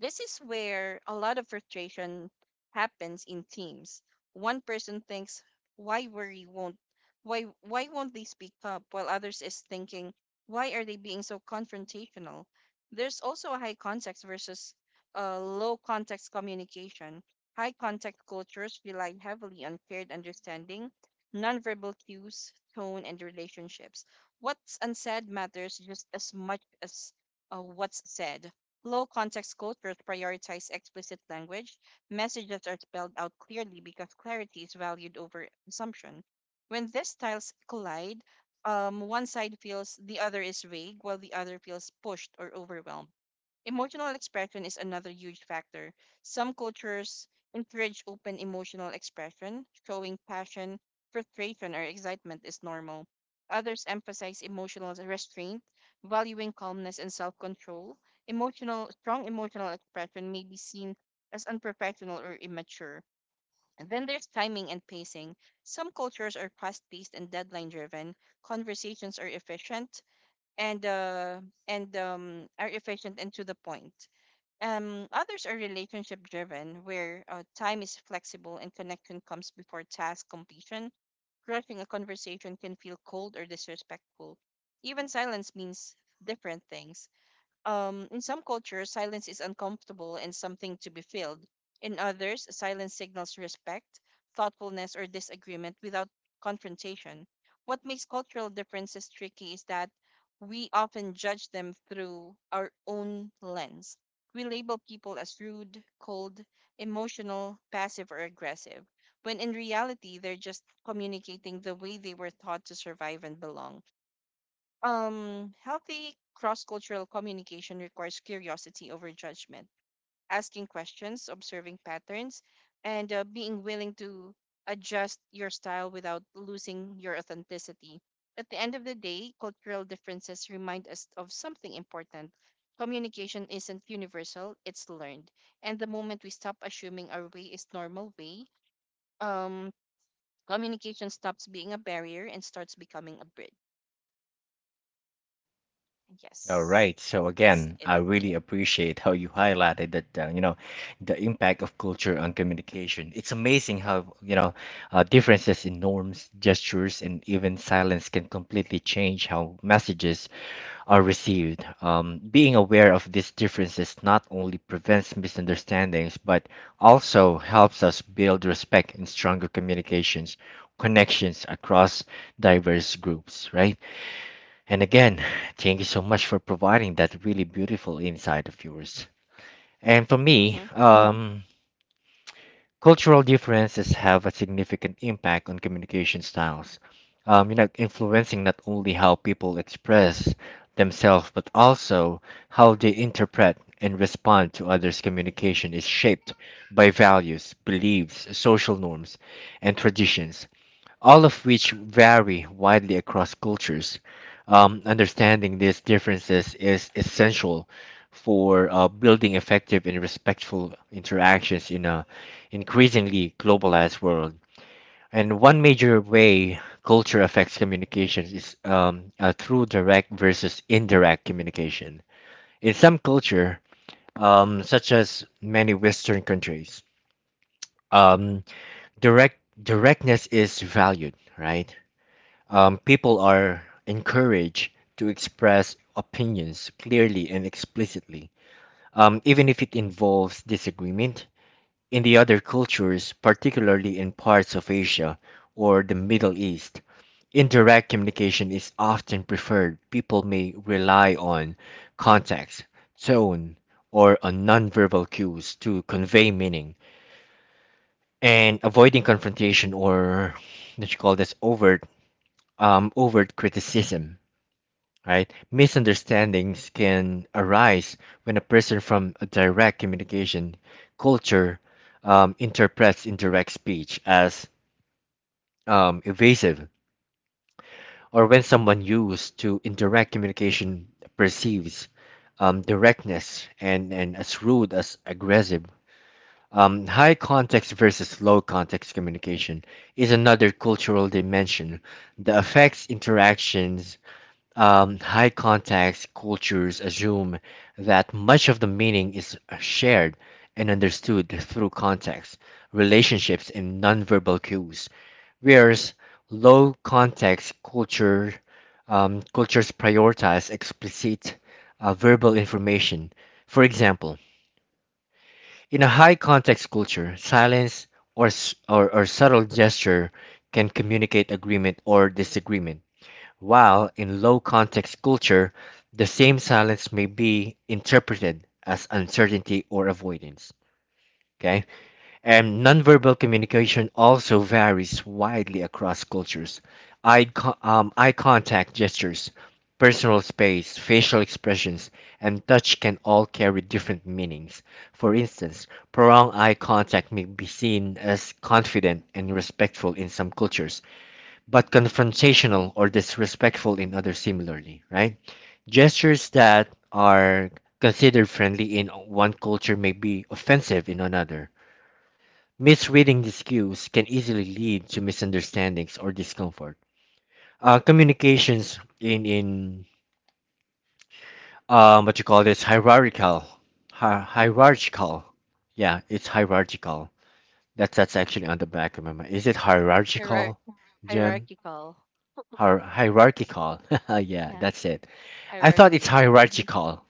S2: This is where a lot of frustration happens in teams. One person thinks, "Why worry won't why won't they speak up?" while others is thinking, "Why are they being so confrontational?" There's also a high context versus low context communication. High context cultures rely heavily on shared understanding, nonverbal cues, tone, and relationships. What's unsaid matters just as much as what's said. Low context cultures prioritize explicit language. Messages are spelled out clearly because clarity is valued over assumption. When these styles collide, one side feels the other is vague, while the other feels pushed or overwhelmed. Emotional expression is another huge factor. Some cultures encourage open emotional expression, showing passion, frustration, or excitement is normal. Others emphasize emotional restraint, valuing calmness and self-control. Emotional strong emotional expression may be seen as unprofessional or immature. And then there's timing and pacing. Some cultures are fast-paced and deadline-driven. Conversations are efficient and uh, and are efficient and to the point. Others are relationship driven, where time is flexible and connection comes before task completion. Rushing a conversation can feel cold or disrespectful. Even silence means different things. In some cultures, silence is uncomfortable and something to be filled. In others, silence signals respect, thoughtfulness, or disagreement without confrontation. What makes cultural differences tricky is that we often judge them through our own lens. We label people as rude, cold, emotional, passive, or aggressive, when in reality, they're just communicating the way they were taught to survive and belong. Healthy cross cultural communication requires curiosity over judgment, asking questions, observing patterns, and being willing to adjust your style without losing your authenticity. At the end of the day, cultural differences remind us of something important. Communication isn't universal, it's learned. And the moment we stop assuming our way is normal way, um, communication stops being a barrier and starts becoming a bridge.
S1: All right.
S2: Yes.
S1: So again,
S2: That's
S1: I
S2: it.
S1: really appreciate how you highlighted that, the impact of culture on communication. It's amazing how, differences in norms, gestures, and even silence can completely change how messages are received. Being aware of these differences not only prevents misunderstandings, but also helps us build respect and stronger communications, connections across diverse groups, right? And again, thank you so much for providing that really beautiful insight of yours. And for me,
S2: Mhm.
S1: cultural differences have a significant impact on communication styles, influencing not only how people express themselves, but also how they interpret and respond to others' communication is shaped by values, beliefs, social norms, and traditions all of which vary widely across cultures. Understanding these differences is essential for building effective and respectful interactions in a increasingly globalized world. And one major way culture affects communication is through direct versus indirect communication. In some culture, such as many Western countries, um, direct directness is valued, right? People are encouraged to express opinions clearly and explicitly, even if it involves disagreement. In the other cultures, particularly in parts of Asia or the Middle East, indirect communication is often preferred. People may rely on context, tone, or on nonverbal cues to convey meaning, and avoiding confrontation or what you call this overt criticism. Right? Misunderstandings can arise when a person from a direct communication culture interprets indirect speech as evasive, or when someone used to indirect communication perceives directness and as rude as aggressive. High context versus low context communication is another cultural dimension that affects interactions. High context cultures assume that much of the meaning is shared and understood through context, relationships, and nonverbal cues, whereas low context cultures prioritize explicit verbal information. For example, in a high context culture, silence or subtle gesture can communicate agreement or disagreement while in low-context culture, the same silence may be interpreted as uncertainty or avoidance. Okay? And nonverbal communication also varies widely across cultures. Eye contact gestures, personal space, facial expressions, and touch can all carry different meanings. For instance, prolonged eye contact may be seen as confident and respectful in some cultures, but confrontational or disrespectful in others similarly, right? Gestures that are considered friendly in one culture may be offensive in another. Misreading these cues can easily lead to misunderstandings or discomfort. Communications in what you call this hierarchical, yeah, it's hierarchical. That's actually on the back of my mind. Is it
S2: Hierar
S1: hierarchical, Jim?
S2: hierarchical.
S1: Hierarchical. Yeah,
S2: Yeah,
S1: that's it. I thought it's
S2: hierarchy. Mhm.
S1: hierarchical.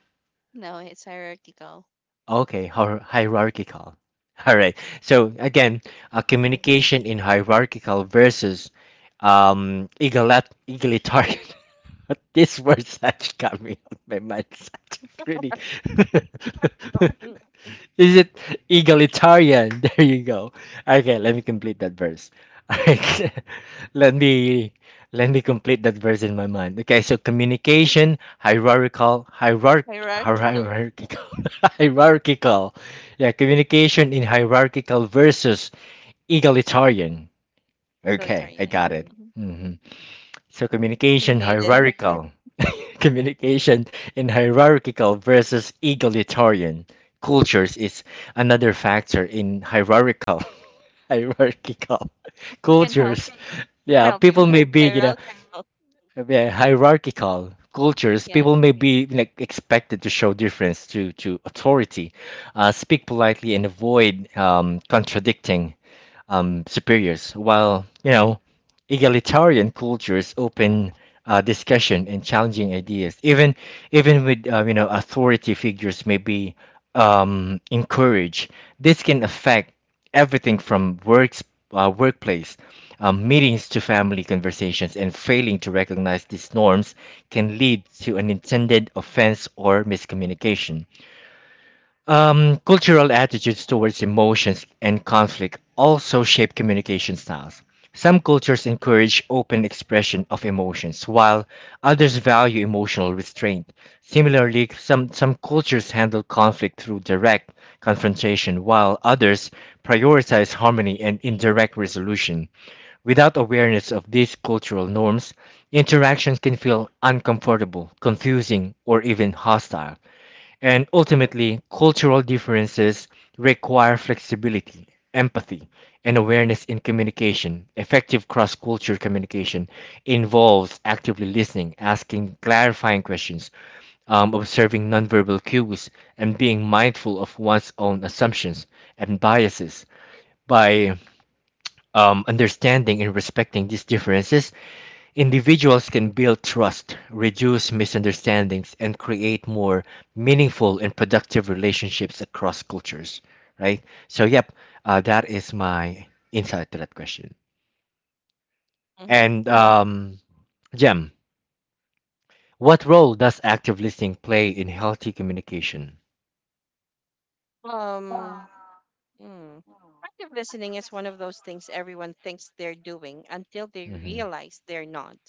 S2: No, it's hierarchical.
S1: Okay, hierarchical. All right. So again, communication in hierarchical versus egalitarian. This words actually got me on my mind. It's really.
S2: Hierarchical thing.
S1: Is it egalitarian? There you go. Okay, let me complete that verse. Alright. let me Let me complete that verse in my mind. Okay, so communication, hierarchical,
S2: Hierarchical.
S1: hierarchical. Hierarchical. Yeah, communication in hierarchical versus egalitarian. Okay, I
S2: Egalitarian, yeah.
S1: got it.
S2: Mhm.
S1: Mm-hmm. So
S2: You
S1: communication
S2: made it.
S1: hierarchical, communication in hierarchical versus egalitarian cultures is another factor in hierarchical. Hierarchical
S2: Who can help
S1: cultures.
S2: Who can
S1: Yeah,
S2: help you
S1: people
S2: with it?
S1: may be, you know,
S2: Hierarchical.
S1: yeah, hierarchical cultures.
S2: Yeah.
S1: People may be like expected to show difference to authority, speak politely, and avoid contradicting superiors, while you know egalitarian cultures open discussion and challenging ideas. Even with you know authority figures may be encouraged. This can affect everything from works workplace meetings to family conversations, and failing to recognize these norms can lead to an intended offense or miscommunication. Cultural attitudes towards emotions and conflict also shape communication styles. Some cultures encourage open expression of emotions, while others value emotional restraint. Similarly, some cultures handle conflict through direct confrontation, while others prioritize harmony and indirect resolution. Without awareness of these cultural norms, interactions can feel uncomfortable, confusing, or even hostile. And ultimately, cultural differences require flexibility, empathy, and awareness in communication. Effective cross cultural communication involves actively listening, asking clarifying questions, observing nonverbal cues, and being mindful of one's own assumptions and biases. By understanding and respecting these differences, individuals can build trust, reduce misunderstandings, and create more meaningful and productive relationships across cultures, right? So, yep, that is my insight to that question.
S2: Mm-hmm.
S1: And, Jem, what role does active listening play in healthy communication?
S2: Um, Hmm. Active listening is one of those things everyone thinks they're doing until they
S1: Hmm.
S2: realize they're not.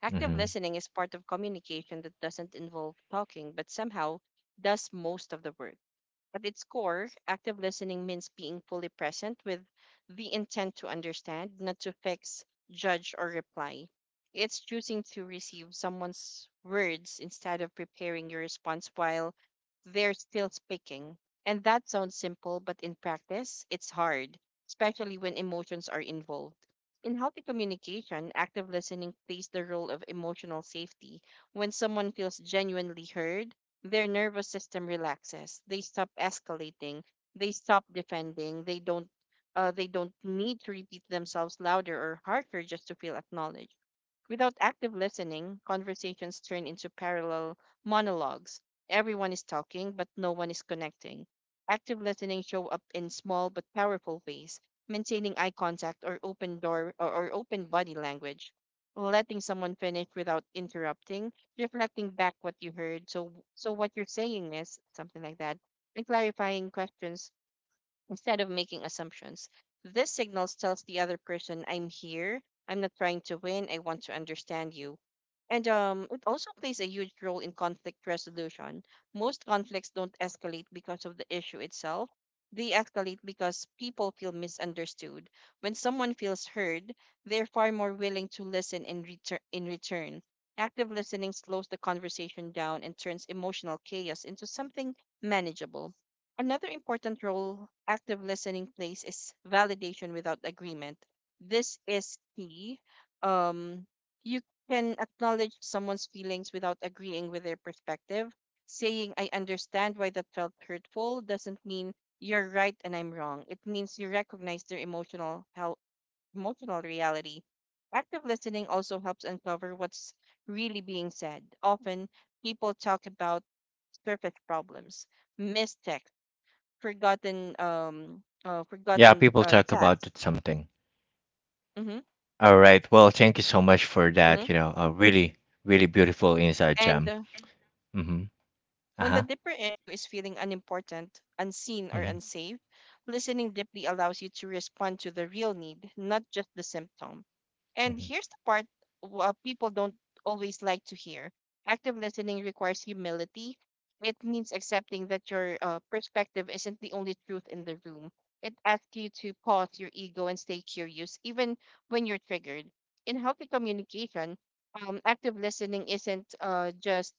S2: Active
S1: Hmm.
S2: listening is part of communication that doesn't involve talking, but somehow does most of the work. At its core, active listening means being fully present with the intent to understand, not to fix, judge, or reply. It's choosing to receive someone's words instead of preparing your response while they're still speaking. And that sounds simple, but in practice, it's hard, especially when emotions are involved. In healthy communication, active listening plays the role of emotional safety. When someone feels genuinely heard, their nervous system relaxes, they stop escalating, they stop defending, they don't need to repeat themselves louder or harder just to feel acknowledged. Without active listening, conversations turn into parallel monologues. Everyone is talking, but no one is connecting. Active listening show up in small but powerful ways, maintaining eye contact or open door or open body language, letting someone finish without interrupting, reflecting back what you heard. So what you're saying is something like that, and clarifying questions instead of making assumptions. This signal tells the other person, I'm here. I'm not trying to win. I want to understand you. And it also plays a huge role in conflict resolution. Most conflicts don't escalate because of the issue itself, they escalate because people feel misunderstood. When someone feels heard, they're far more willing to listen in, in return. Active listening slows the conversation down and turns emotional chaos into something manageable. Another important role active listening plays is validation without agreement. This is key. Um, you can acknowledge someone's feelings without agreeing with their perspective. Saying, I understand why that felt hurtful, doesn't mean you're right and I'm wrong. It means you recognize their emotional reality. Active listening also helps uncover what's really being said. Often, people talk about surface problems, mistakes,
S1: Yeah,
S2: forgotten
S1: people talk about
S2: tasks.
S1: it something.
S2: Mm-hmm.
S1: All right. Well, thank you so much for
S2: Mm-hmm.
S1: that. You know, a really, really beautiful insight,
S2: And
S1: Jem. Mm-hmm.
S2: When the
S1: Uh-huh.
S2: deeper issue is feeling unimportant, unseen, or
S1: Mm-hmm.
S2: unsafe, listening deeply allows you to respond to the real need, not just the symptom. And
S1: Mm-hmm.
S2: here's the part people don't always like to hear, active listening requires humility. It means accepting that your perspective isn't the only truth in the room. It asks you to pause your ego and stay curious, even when you're triggered. In healthy communication, active listening isn't just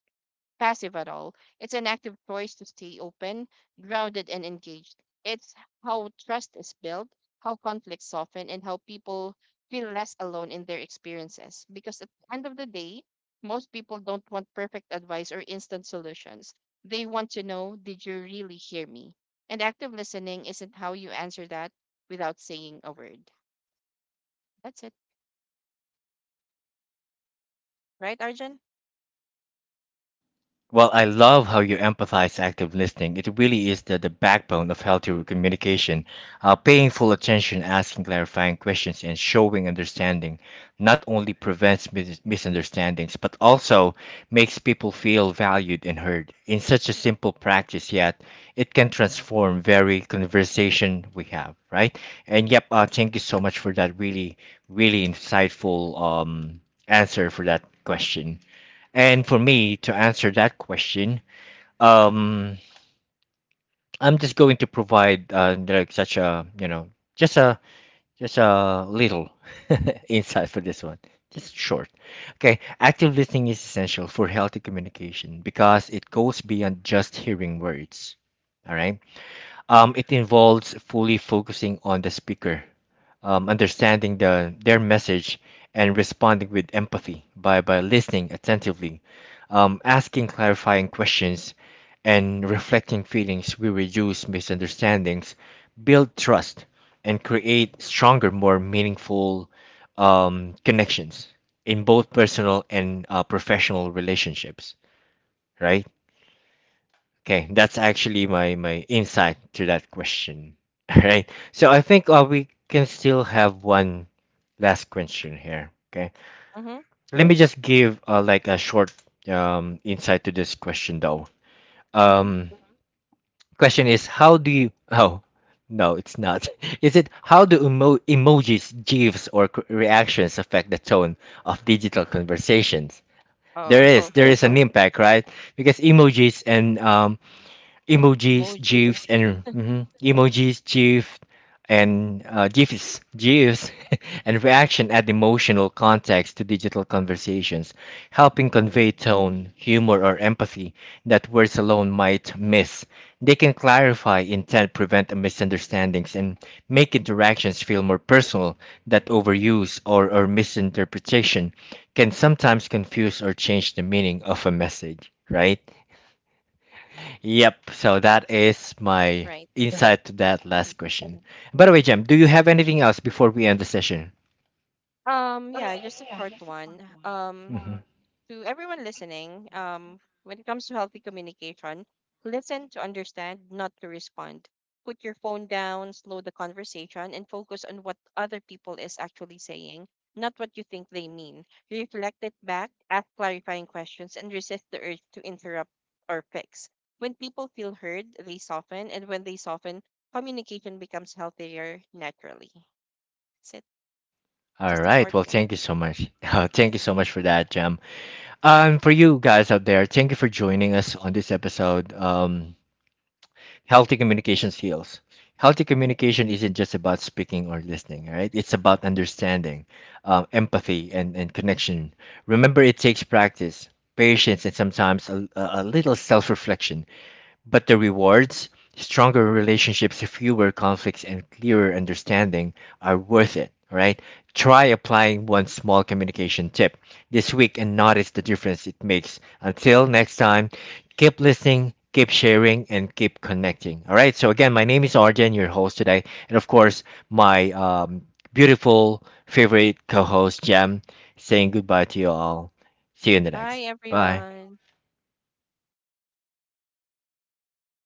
S2: passive at all. It's an active choice to stay open, grounded, and engaged. It's how trust is built, how conflicts soften, and how people feel less alone in their experiences. Because at the end of the day, most people don't want perfect advice or instant solutions. They want to know, did you really hear me? And active listening isn't how you answer that without saying a word. That's it. Right, Arjun?
S1: Well, I love how you emphasize active listening. It really is the backbone of healthy communication. Paying full attention, asking clarifying questions, and showing understanding not only prevents misunderstandings, but also makes people feel valued and heard. In such a simple practice, yet it can transform very conversation we have, right? And yep, thank you so much for that really, really insightful answer for that question. And for me to answer that question, um, I'm just going to provide like such a you know just a just a little insight for this one, just short. Okay, active listening is essential for healthy communication because it goes beyond just hearing words. All right, it involves fully focusing on the speaker understanding their message and responding with empathy by listening attentively, asking clarifying questions, and reflecting feelings. We reduce misunderstandings, build trust, and create stronger, more meaningful connections in both personal and professional relationships, right? Okay, that's actually my insight to that question. All right. So I think we can still have one last question here. Okay.
S2: Mm-hmm.
S1: Let me just give like a short insight to this question though.
S2: Mm-hmm.
S1: Um, Question is how do you? Oh, no, it's not. Is it how do emojis, gifs, or reactions affect the tone of digital conversations?
S2: Oh,
S1: There is an impact, right? Because emojis and emojis,
S2: emojis.
S1: GIFs, and mhm, emojis, GIF, and GIFs, GIFs, and reaction add emotional context to digital conversations, helping
S2: Mhm.
S1: convey tone, humor, or empathy that words alone might miss. They can clarify intent, prevent misunderstandings, and make interactions feel more personal. That overuse or misinterpretation can sometimes confuse or change the meaning of a message. Right? Yep. So that is my. Yeah.
S2: Right.
S1: Insight to that last question. By the way, Jem, do you have anything else before we end the session?
S2: Yeah, just a short one.
S1: Mhm.
S2: To everyone listening, when it comes to healthy communication, listen to understand, not to respond. Put your phone down, slow the conversation, and focus on what other people is actually saying, not what you think they mean. Reflect it back, ask clarifying questions, and resist the urge to interrupt or fix. When people feel heard, they soften, and when they soften, communication becomes healthier naturally. That's it.
S1: All
S2: Just a
S1: right.
S2: short
S1: Well,
S2: one.
S1: thank you so much. Thank you so much for that, Jem. For you guys out there, thank you for joining us on this episode. Healthy communication skills. Healthy communication isn't just about speaking or listening, right? It's about understanding, empathy, and connection. Remember, it takes practice, patience, and sometimes a little self reflection. But the rewards, stronger relationships, fewer conflicts, and clearer understanding are worth it, right? Try applying one small communication tip this week and notice the difference it makes. Until next time, keep listening, keep sharing, and keep connecting. All right. So, again, my name is Arjen, your host today. And of course, my beautiful favorite co host, Jem, saying goodbye to you all. See you in the next.
S2: Bye,
S1: Bye.
S2: everyone.